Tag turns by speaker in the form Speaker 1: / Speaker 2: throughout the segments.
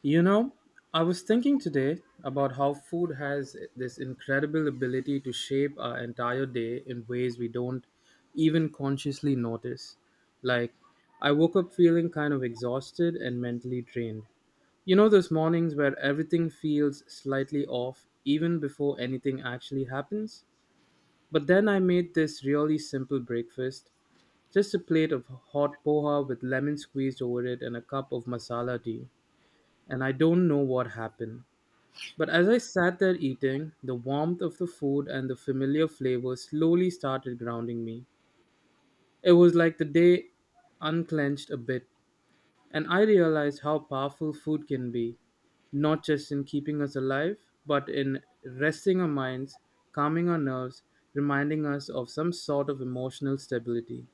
Speaker 1: You know, I was thinking today about how food has this incredible ability to shape our entire day in ways we don't even consciously notice. Like, I woke up feeling kind of exhausted and mentally drained. You know, those mornings where everything feels slightly off even before anything actually happens? But then I made this really simple breakfast, just a plate of hot poha with lemon squeezed over it and a cup of masala tea. And I don't know what happened, but as I sat there eating, the warmth of the food and the familiar flavor slowly started grounding me. It was like the day unclenched a bit, and I realized how powerful food can be, not just in keeping us alive, but in resting our minds, calming our nerves, reminding us of some sort of emotional stability.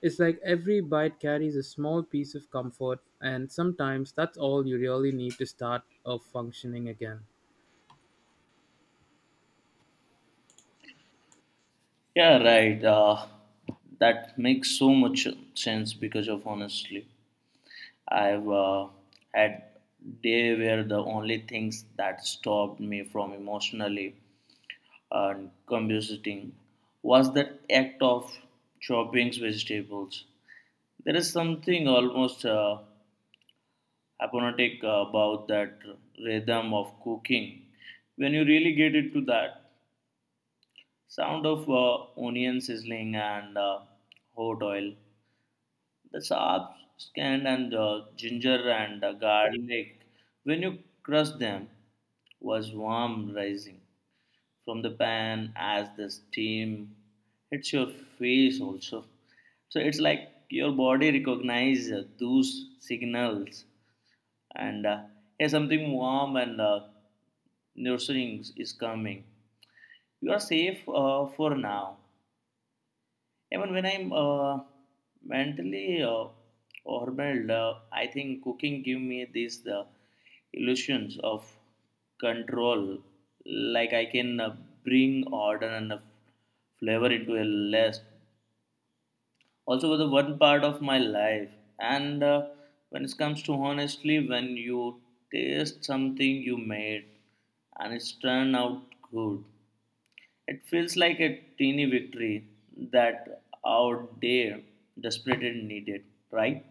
Speaker 1: It's like every bite carries a small piece of comfort, and sometimes that's all you really need to start a functioning again.
Speaker 2: Yeah, right. That makes so much sense because of honestly, I've had day where the only things that stopped me from emotionally and combustiting was the act of chopping vegetables. There is something almost hypnotic about that rhythm of cooking when you really get into that sound of onion sizzling and hot oil the herbs, canned and ginger and garlic, when you crush them, was warm rising from the pan as the steam hits your face also. So it's like your body recognizes those signals, and yeah, something warm and nourishing is coming. You are safe for now. Even when I'm mentally overwhelmed, I think cooking give me these illusions of control. Like I can bring order and flavor into a less. Also, with the one part of my life. And When it comes to honestly, when you taste something you made and it's turned out good, it feels like a teeny victory that our day desperately needed, right?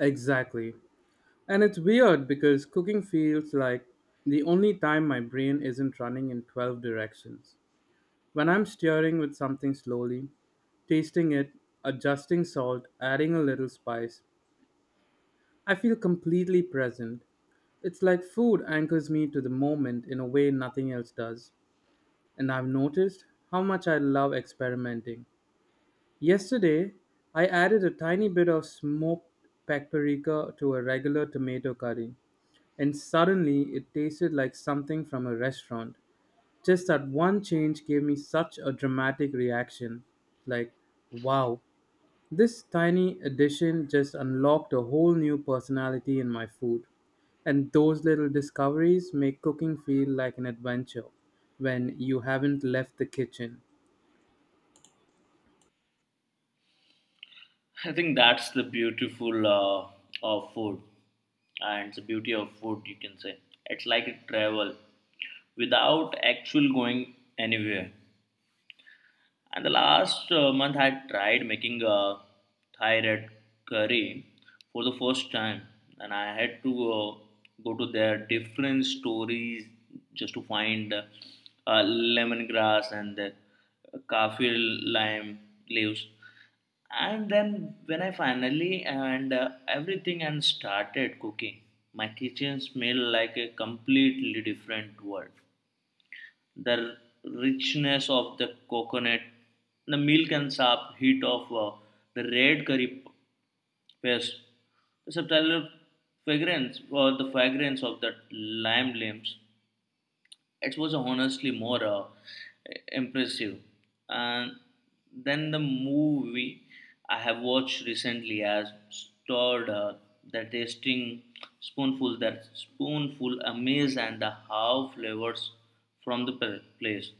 Speaker 1: Exactly. And it's weird because cooking feels like the only time my brain isn't running in 12 directions. When I'm stirring with something slowly, tasting it, adjusting salt, adding a little spice, I feel completely present. It's like food anchors me to the moment in a way nothing else does. And I've noticed how much I love experimenting. Yesterday, I added a tiny bit of smoked paprika to a regular tomato curry and suddenly it tasted like something from a restaurant. Just that one change gave me such a dramatic reaction. Like, wow, this tiny addition just unlocked a whole new personality in my food. And those little discoveries make cooking feel like an adventure when you haven't left the kitchen.
Speaker 2: I think that's the beautiful of food and it's the beauty of food, you can say. It's like a travel without actual going anywhere. And the last month, I tried making a Thai red curry for the first time, and I had to go to their different stories just to find lemongrass and the kaffir lime leaves. And then when I finally and everything and started cooking, my kitchen smelled like a completely different world the richness of the coconut, the milk and sharp heat of the red curry paste, the subtle fragrance or the fragrance of the lime limbs. It was honestly more impressive. And then the movie I have watched recently has stored the tasting spoonful, that spoonful amaze and the how flavors from the place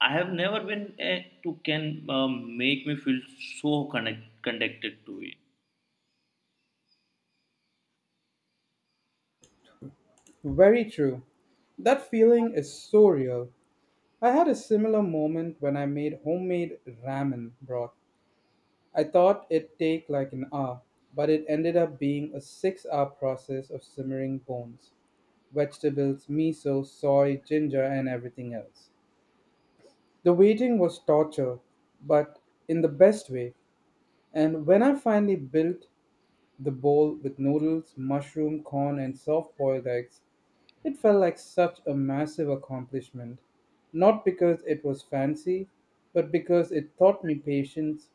Speaker 2: I have never been to can make me feel so connected to it.
Speaker 1: Very true. That feeling is so real. I had a similar moment when I made homemade ramen broth. I thought it'd take like an hour, but it ended up being a 6 hour process of simmering bones, vegetables, miso, soy, ginger, and everything else. The waiting was torture, but in the best way. And when I finally built the bowl with noodles, mushroom, corn, and soft boiled eggs, it felt like such a massive accomplishment. Not because it was fancy, but because it taught me patience.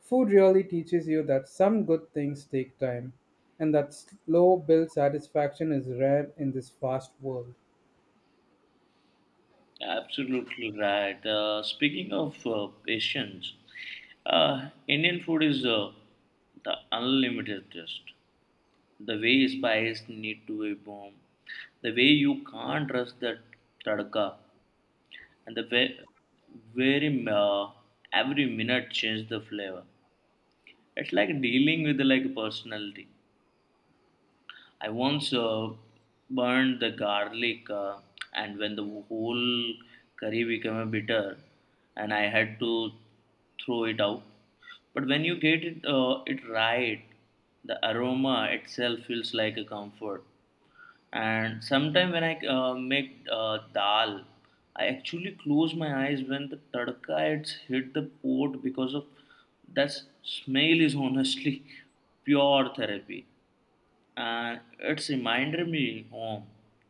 Speaker 1: Food really teaches you that some good things take time and that slow build satisfaction is rare in this fast world.
Speaker 2: Absolutely right. Speaking of Asians, Indian food is the unlimited taste. The way spice need to be bomb, the way you can't trust that tadka, and the way very every minute change the flavor. It's like dealing with like personality. I once burned the garlic, and when the whole curry became a bitter, and I had to throw it out. But when you get it, it right, the aroma itself feels like a comfort. And sometimes when I make dal, I actually close my eyes when the tadka it's hit the pot because of that smell is honestly pure therapy and it's reminded me home,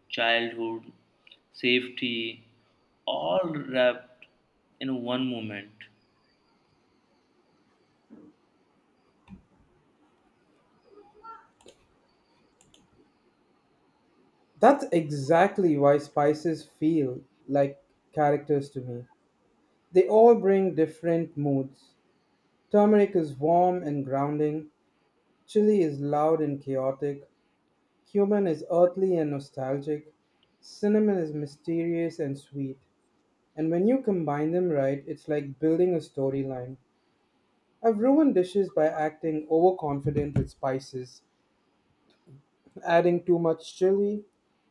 Speaker 2: childhood, safety, all wrapped in one moment.
Speaker 1: That's exactly why spices feel like characters to me. They all bring different moods. Turmeric is warm and grounding, chili is loud and chaotic, cumin is earthly and nostalgic, cinnamon is mysterious and sweet. And when you combine them right, it's like building a storyline. I've ruined dishes by acting overconfident with spices, adding too much chili,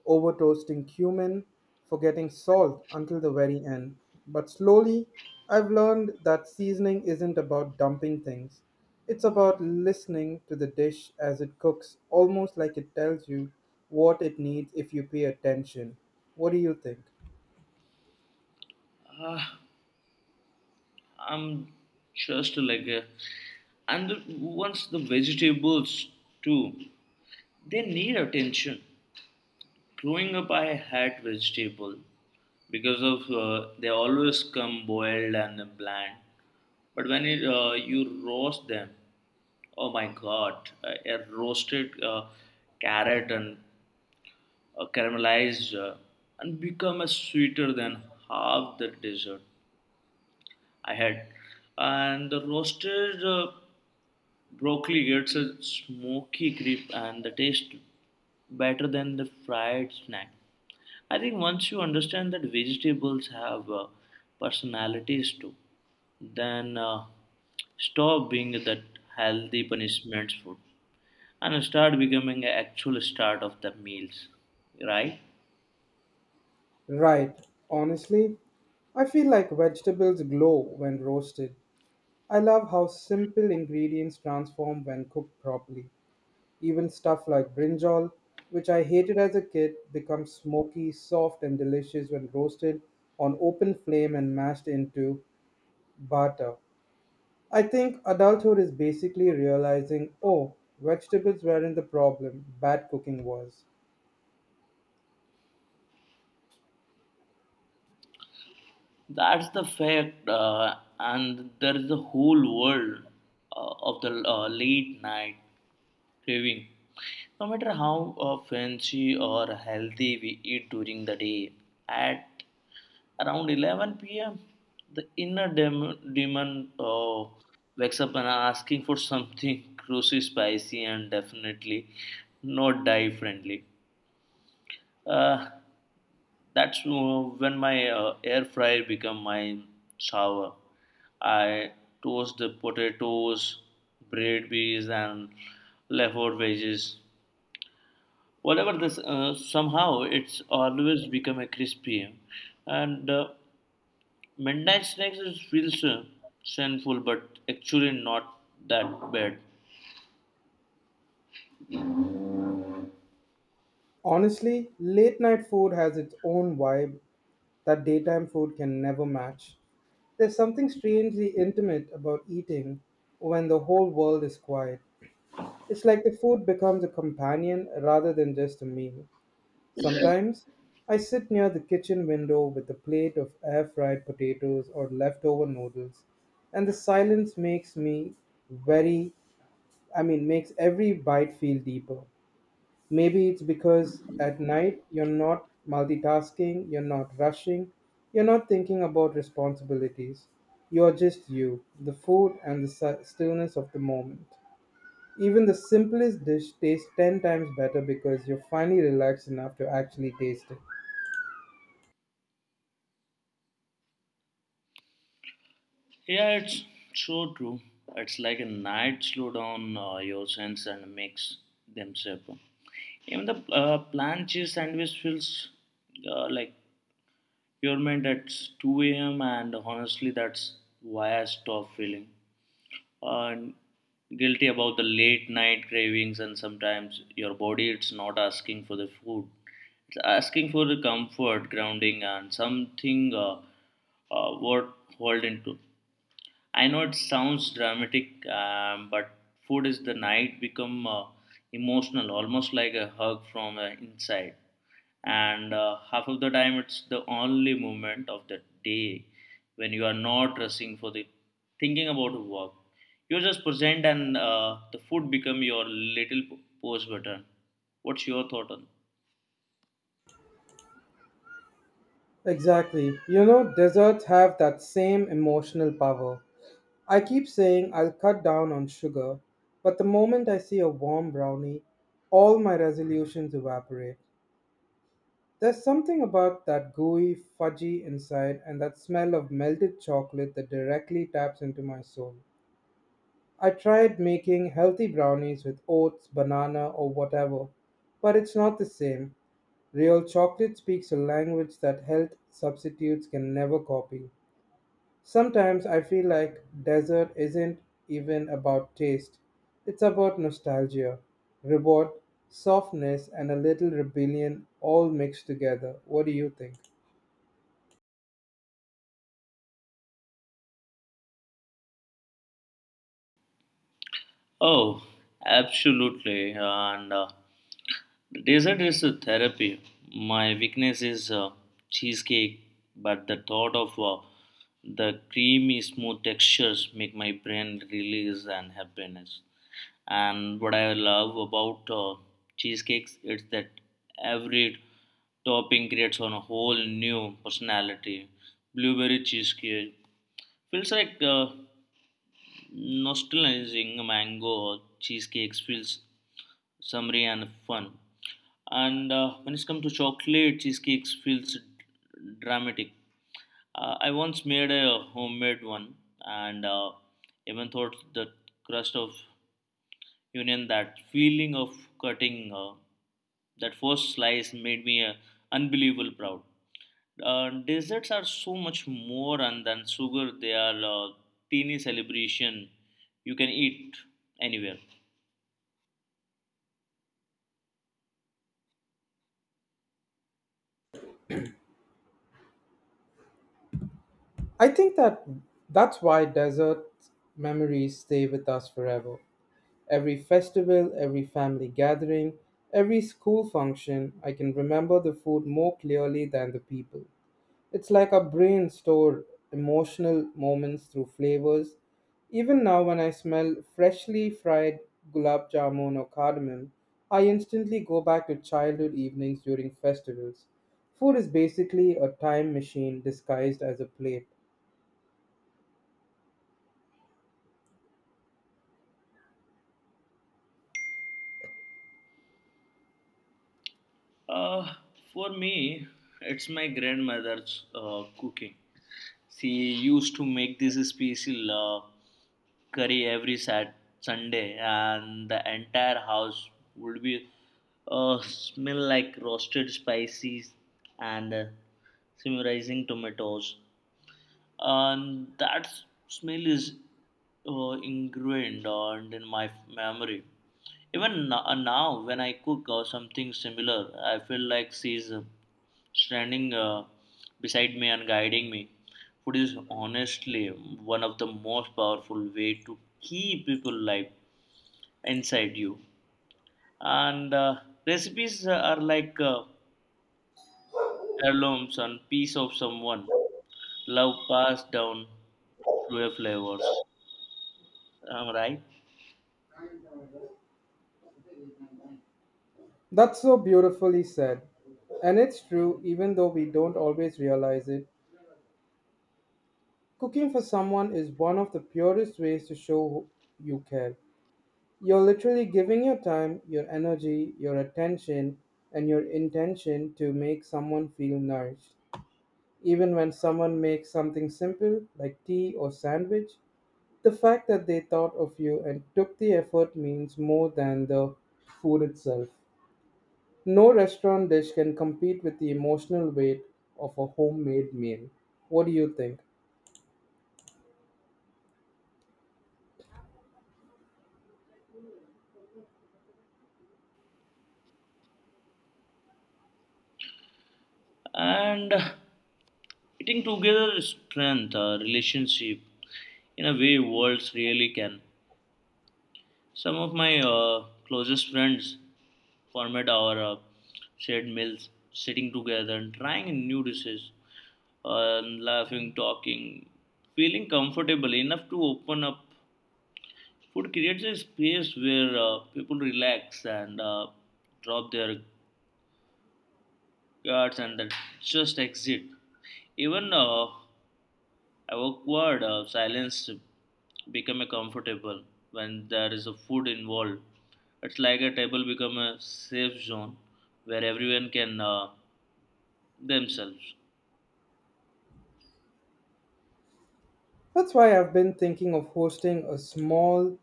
Speaker 1: over toasting cumin, forgetting salt until the very end. But slowly, I've learned that seasoning isn't about dumping things. It's about listening to the dish as it cooks, almost like it tells you what it needs if you pay attention. What do you think?
Speaker 2: Ah, I'm just like, a, and the, once the vegetables too, they need attention. Growing up, I had vegetable because of they always come boiled and bland. But when it, you roast them, oh my god, a roasted carrot and caramelized and become a sweeter than half the dessert I had. And the roasted broccoli gets a smoky grip and the taste better than the fried snack. I think once you understand that vegetables have personalities too, then stop being that healthy punishment food and start becoming an actual start of the meals, right?
Speaker 1: Right. Honestly, I feel like vegetables glow when roasted. I love how simple ingredients transform when cooked properly. Even stuff like brinjal, which I hated as a kid, becomes smoky, soft, and delicious when roasted on open flame and mashed into butter. I think adulthood is basically realizing oh, vegetables weren't the problem, bad cooking was.
Speaker 2: That's the fact, and there is a whole world of the late night craving. No matter how fancy or healthy we eat during the day, at around 11 p.m., the inner demon wakes up and asking for something crunchy, spicy, and definitely not die friendly. Uh, that's when my air fryer become my shower. I toast the potatoes, bread bees, and leftover veggies. Whatever this, somehow it's always become a crispy, and Midnight Snacks is feels sinful, but actually not that bad.
Speaker 1: Honestly, late night food has its own vibe that daytime food can never match. There's something strangely intimate about eating when the whole world is quiet. It's like the food becomes a companion rather than just a meal. Sometimes I sit near the kitchen window with a plate of air fried potatoes or leftover noodles, and the silence makes me very, makes every bite feel deeper. Maybe it's because at night you're not multitasking, you're not rushing, you're not thinking about responsibilities. You're just you, the food and the stillness of the moment. Even the simplest dish tastes 10 times better because you're finally relaxed enough to actually taste it.
Speaker 2: Yeah, it's so true. It's like a night slow down your sense and makes them safer. Even the plain cheese sandwich feels like you're meant at 2 a.m. and honestly, that's why I stopped feeling. uh, Guilty about the late night cravings and sometimes your body it's not asking for the food it's asking for the comfort grounding and something what hold into I know it sounds dramatic but food is the night become emotional almost like a hug from inside and half of the time it's the only moment of the day when you are not rushing for the thinking about work you're just present and the food become your little pause button what's your thought on
Speaker 1: Exactly. You know, desserts have that same emotional power. I keep saying I'll cut down on sugar, but the moment I see a warm brownie, all my resolutions evaporate. There's something about that gooey, fudgy inside and that smell of melted chocolate that directly taps into my soul. I tried making healthy brownies with oats, banana, or whatever, but it's not the same. Real chocolate speaks a language that health substitutes can never copy. Sometimes I feel like dessert isn't even about taste, it's about nostalgia, reward, softness, and a little rebellion all mixed together. What do you think?
Speaker 2: oh absolutely and dessert is a therapy my weakness is cheesecake but the thought of the creamy smooth textures make my brain release and happiness. And what I love about cheesecakes is that every topping creates on a whole new personality. Blueberry cheesecake feels like nostalgizing mango cheesecakes feels summery and fun. And when it comes to chocolate cheesecakes feels dramatic. I once made a homemade one and even thought the crust of Union that feeling of cutting that first slice made me unbelievable proud. Desserts are so much more and than sugar they are a teeny celebration you can eat anywhere.
Speaker 1: I think that that's why desert memories stay with us forever. Every festival, every family gathering, every school function, I can remember the food more clearly than the people. It's like our brain store emotional moments through flavors. Even now, when I smell freshly fried gulab jamun or cardamom, I instantly go back to childhood evenings during festivals. Food is basically a time machine disguised as a plate.
Speaker 2: uh, for me it's my grandmother's cooking. She used to make this special curry every sat Sunday, and the entire house would be smell like roasted spices and simmerizing tomatoes. And that smell is ingrained and in my memory. Even now, when I cook or something similar, I feel like she's standing beside me and guiding me. Food is honestly one of the most powerful way to keep people alive inside you. And recipes are like heirlooms and piece of someone love passed down through a flavors. Am I right?
Speaker 1: That's so beautifully said. And it's true, even though we don't always realize it, cooking for someone is one of the purest ways to show you care. You're literally giving your time, your energy, your attention, and your intention to make someone feel nourished. Even when someone makes something simple like tea or sandwich, the fact that they thought of you and took the effort means more than the food itself. No restaurant dish can compete with the emotional weight of a homemade meal. What do you think?
Speaker 2: And eating together strength relationship in a way worlds really can. Some of my closest friends formed our shared meals, sitting together and trying new dishes, laughing, talking, feeling comfortable enough to open up. Food creates a space where people relax and drop their guards and then just exit. Even awkward silence become a comfortable when there is a food involved. It's like a table become a safe zone where everyone can themselves.
Speaker 1: That's why I've been thinking of hosting a small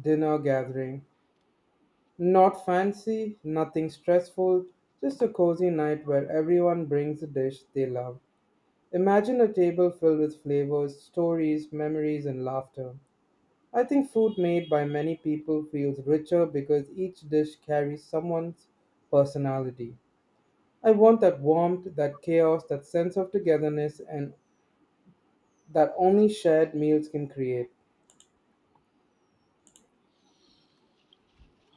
Speaker 1: dinner gathering. Not fancy, nothing stressful, just a cozy night where everyone brings a dish they love. Imagine a table filled with flavors, stories, memories, and laughter. I think food made by many people feels richer because each dish carries someone's personality. I want that warmth, that chaos, that sense of togetherness, and that only shared meals can create.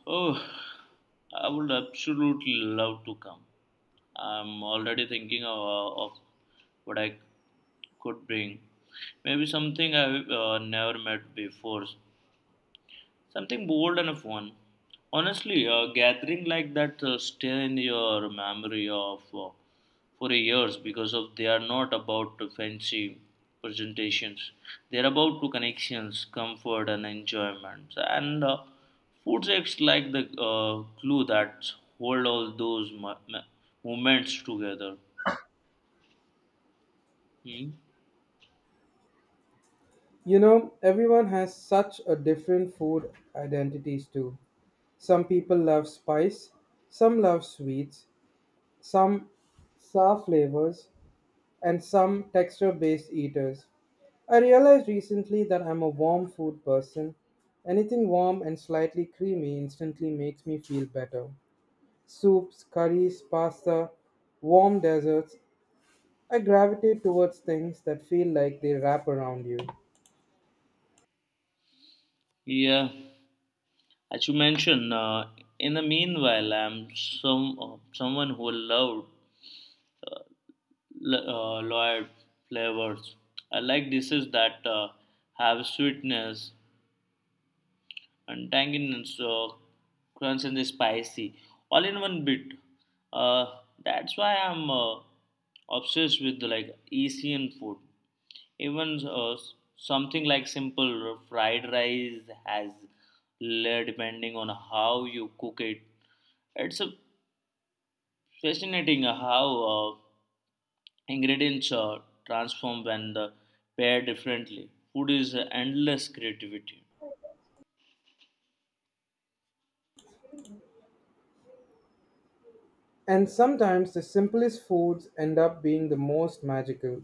Speaker 2: Oh, I would absolutely love to come. I'm already thinking of, of what I could bring. Maybe something I've never met before, something bold and fun. Honestly, a gathering like that stay in your memory of for years because of they are not about fancy presentations. They are about to connections, comfort, and enjoyment. And food acts like the glue that hold all those moments together. Hmm?
Speaker 1: You know, everyone has such a different food identities too. Some people love spice, some love sweets, some sour flavors, and some texture based eaters. I realized recently that I'm a warm food person. Anything warm and slightly creamy instantly makes me feel better. Soups, curries, pasta, warm desserts, I gravitate towards things that feel like they wrap around you.
Speaker 2: Yeah, as you mentioned, in the meanwhile, I'm someone who loved Lloyd flavors. I like dishes that have sweetness and tanginess, crunch and spicy, all in one bit. Uh, that's why I'm obsessed with like Asian food. Even something like simple fried rice has layer depending on how you cook it. It's a fascinating how. Ingredients are transformed when the paired differently. Food is endless creativity.
Speaker 1: And sometimes the simplest foods end up being the most magical,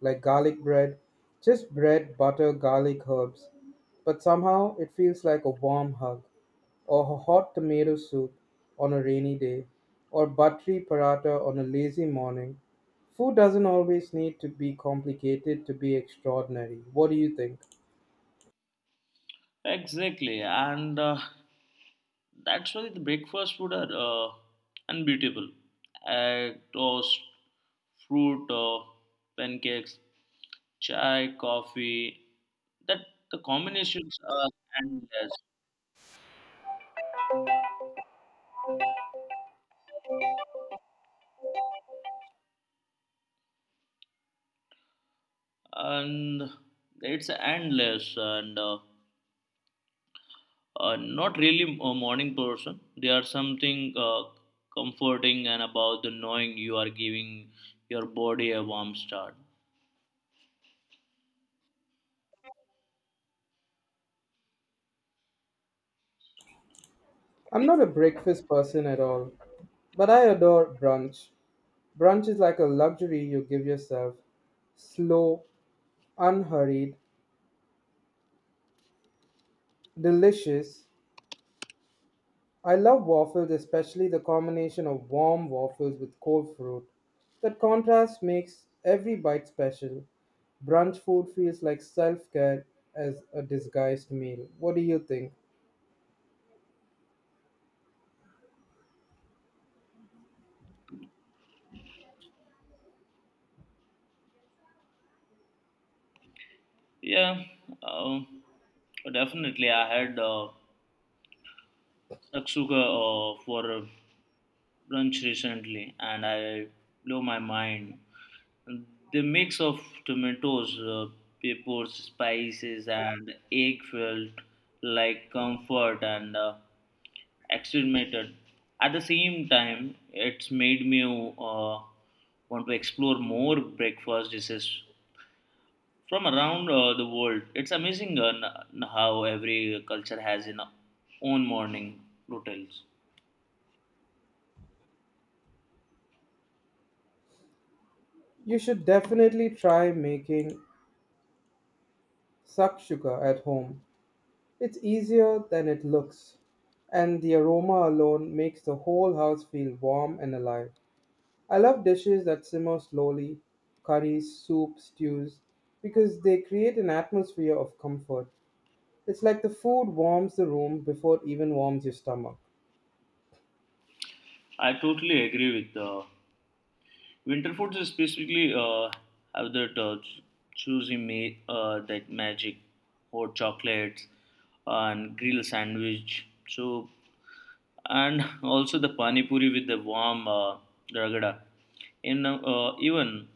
Speaker 1: like garlic bread, just bread, butter, garlic, herbs. But somehow it feels like a warm hug, or a hot tomato soup on a rainy day, or buttery paratha on a lazy morning. Food doesn't always need to be complicated to be extraordinary. What do you think?
Speaker 2: Exactly, and that's why the breakfast food are unbeatable. Egg, toast, fruit, pancakes, chai, coffee. That the combinations are endless, and it's endless. And not really a morning person. There are something comforting and about the knowing you are giving your body a warm start.
Speaker 1: I'm not a breakfast person at all, but I adore brunch. Brunch is like a luxury you give yourself. Slow, unhurried, delicious. I love waffles, especially the combination of warm waffles with cold fruit. That contrast makes every bite special. Brunch food feels like self care as a disguised meal. What do you think?
Speaker 2: Yeah, uh, definitely. I had saksuga for brunch recently, and I blew my mind. The mix of tomatoes, peppers, spices, and egg felt like comfort and. Experimented. At the same time, it's made me want to explore more breakfast dishes from around the world. It's amazing how every culture has its own morning routines.
Speaker 1: You should definitely try making sakshuka at home. It's easier than it looks, and the aroma alone makes the whole house feel warm and alive. I love dishes that simmer slowly, curries, soup, stews, because they create an atmosphere of comfort. It's like the food warms the room before it even warms your stomach.
Speaker 2: I totally agree with winter foods specifically have that that magic, hot chocolates and grill sandwich. So and also the pani puri with the warm ragada. In even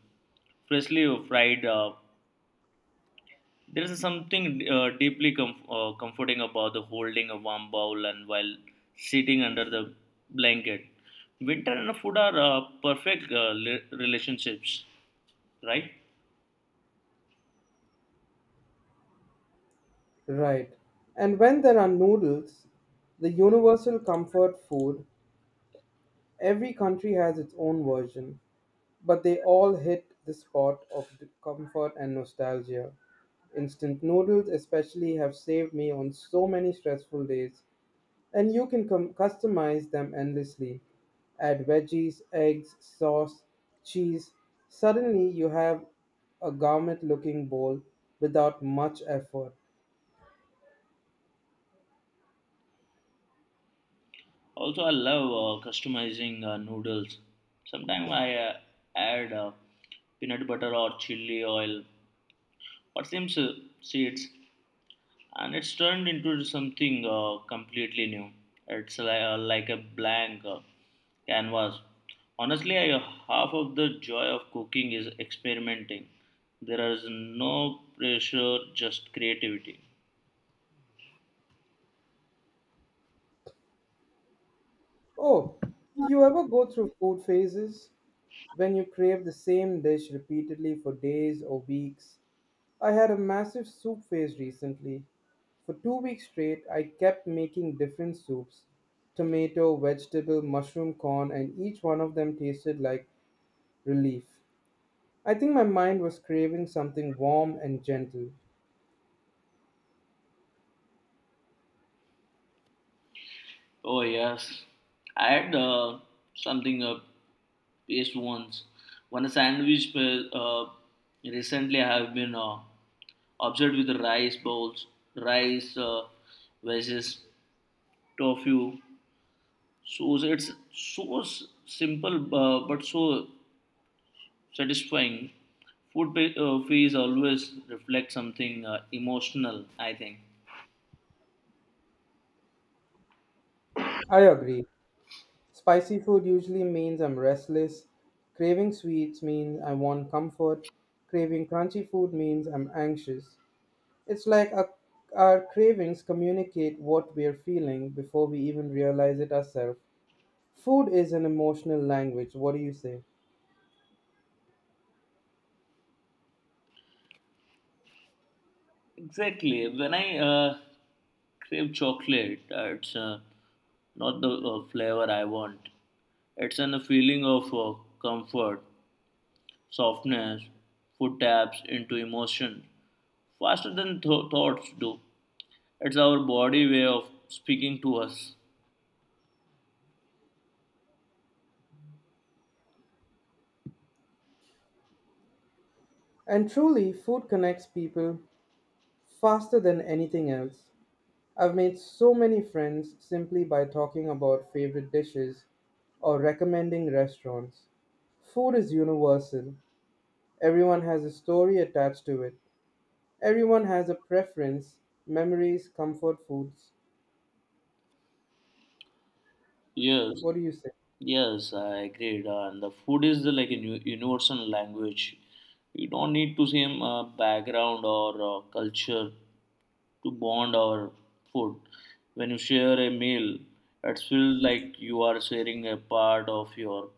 Speaker 2: freshly fried, there is something deeply comforting about the holding a warm bowl and while sitting under the blanket. Winter and food are perfect relationships, right?
Speaker 1: Right. And when there are noodles, the universal comfort food, every country has its own version, but they all hit the spot of comfort and nostalgia. Instant noodles, especially, have saved me on so many stressful days. And you can customize them endlessly. Add veggies, eggs, sauce, cheese. Suddenly you have a garment looking bowl without much effort.
Speaker 2: Also, I love customizing noodles. Sometimes I add peanut butter or chili oil or some seeds, and it's turned into something completely new. It's like a blank canvas. Honestly, half of the joy of cooking is experimenting. There is no pressure, just creativity.
Speaker 1: Oh, do you ever go through food phases, when you crave the same dish repeatedly for days or weeks? I had a massive soup phase recently. For 2 weeks straight, I kept making different soups, tomato, vegetable, mushroom, corn, and each one of them tasted like relief. I think my mind was craving something warm and gentle.
Speaker 2: Oh yes, I had something paste once. One sandwich recently I have been obsessed with rice bowls, rice wedges, tofu. So it's so simple but so satisfying. Food fees always reflects something emotional. I think.
Speaker 1: I agree. Spicy food usually means I'm restless. Craving sweets means I want comfort. Craving crunchy food means I'm anxious. It's like our cravings communicate what we're feeling before we even realize it ourselves. Food is an emotional language. What do you say?
Speaker 2: Exactly. When I crave chocolate, it's not the flavor I want. It's a feeling of comfort, softness, food taps into emotion faster than thoughts do. It's our body way of speaking to us.
Speaker 1: And truly, food connects people faster than anything else. I've made so many friends simply by talking about favorite dishes or recommending restaurants. Food is universal. Everyone has a story attached to it. Everyone has a preference, memories, comfort foods.
Speaker 2: Yes,
Speaker 1: What do you say?
Speaker 2: yes, I agree. And the food is the, like a universal language. You don't need to same background or culture to bond over food. When you share a meal, it feels like you are sharing a part of your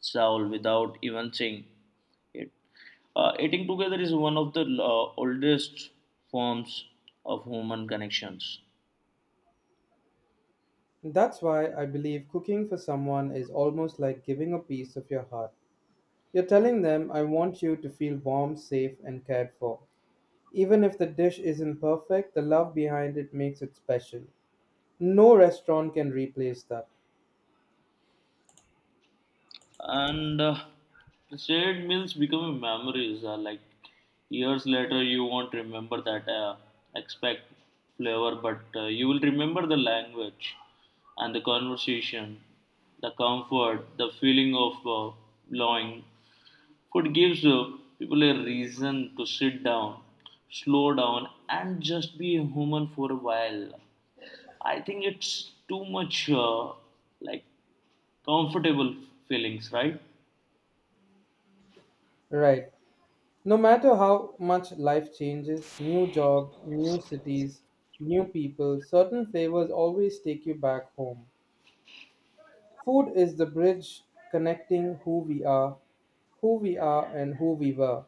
Speaker 2: soul without even saying it. Eating together is one of the oldest forms of human connections.
Speaker 1: That's why I believe cooking for someone is almost like giving a piece of your heart. You're telling them, I want you to feel warm, safe, and cared for. Even if the dish isn't perfect, the love behind it makes it special. No restaurant can replace that.
Speaker 2: And the shared meals become memories. Like years later, you won't remember that expect flavor, but you will remember the language and the conversation, the comfort, the feeling of belonging. Food gives people a reason to sit down, slow down, and just be a human for a while. I think it's too much like comfortable feelings, right?
Speaker 1: Right. No matter how much life changes, new job, new cities, new people, certain flavors always take you back home. Food is the bridge connecting who we are, and who we were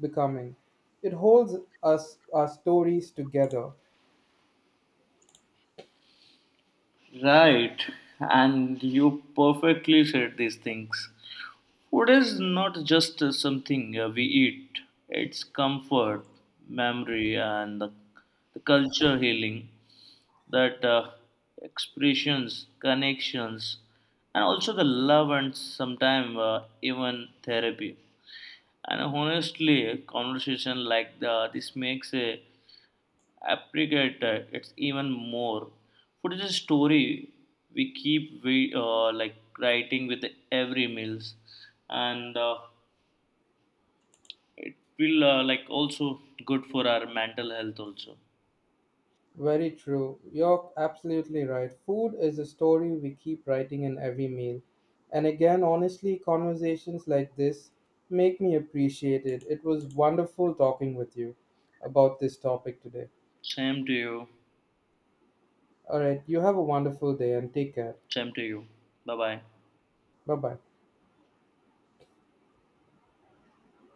Speaker 1: becoming. It holds us our stories together.
Speaker 2: Right, and you perfectly said these things. Food is not just something we eat, it's comfort, memory, and the culture healing that expressions, connections, and also the love and sometimes even therapy. And honestly, a conversation like this makes a appreciated it's even more food is a story we keep we like writing with every meals and it will like also good for our mental health also
Speaker 1: Very true. You're absolutely right. Food is a story we keep writing in every meal. And again, honestly, conversations like this make me appreciate it. It was wonderful talking with you about this topic today.
Speaker 2: same to you
Speaker 1: All right, you have a wonderful day and take care.
Speaker 2: same to you bye bye
Speaker 1: Bye bye.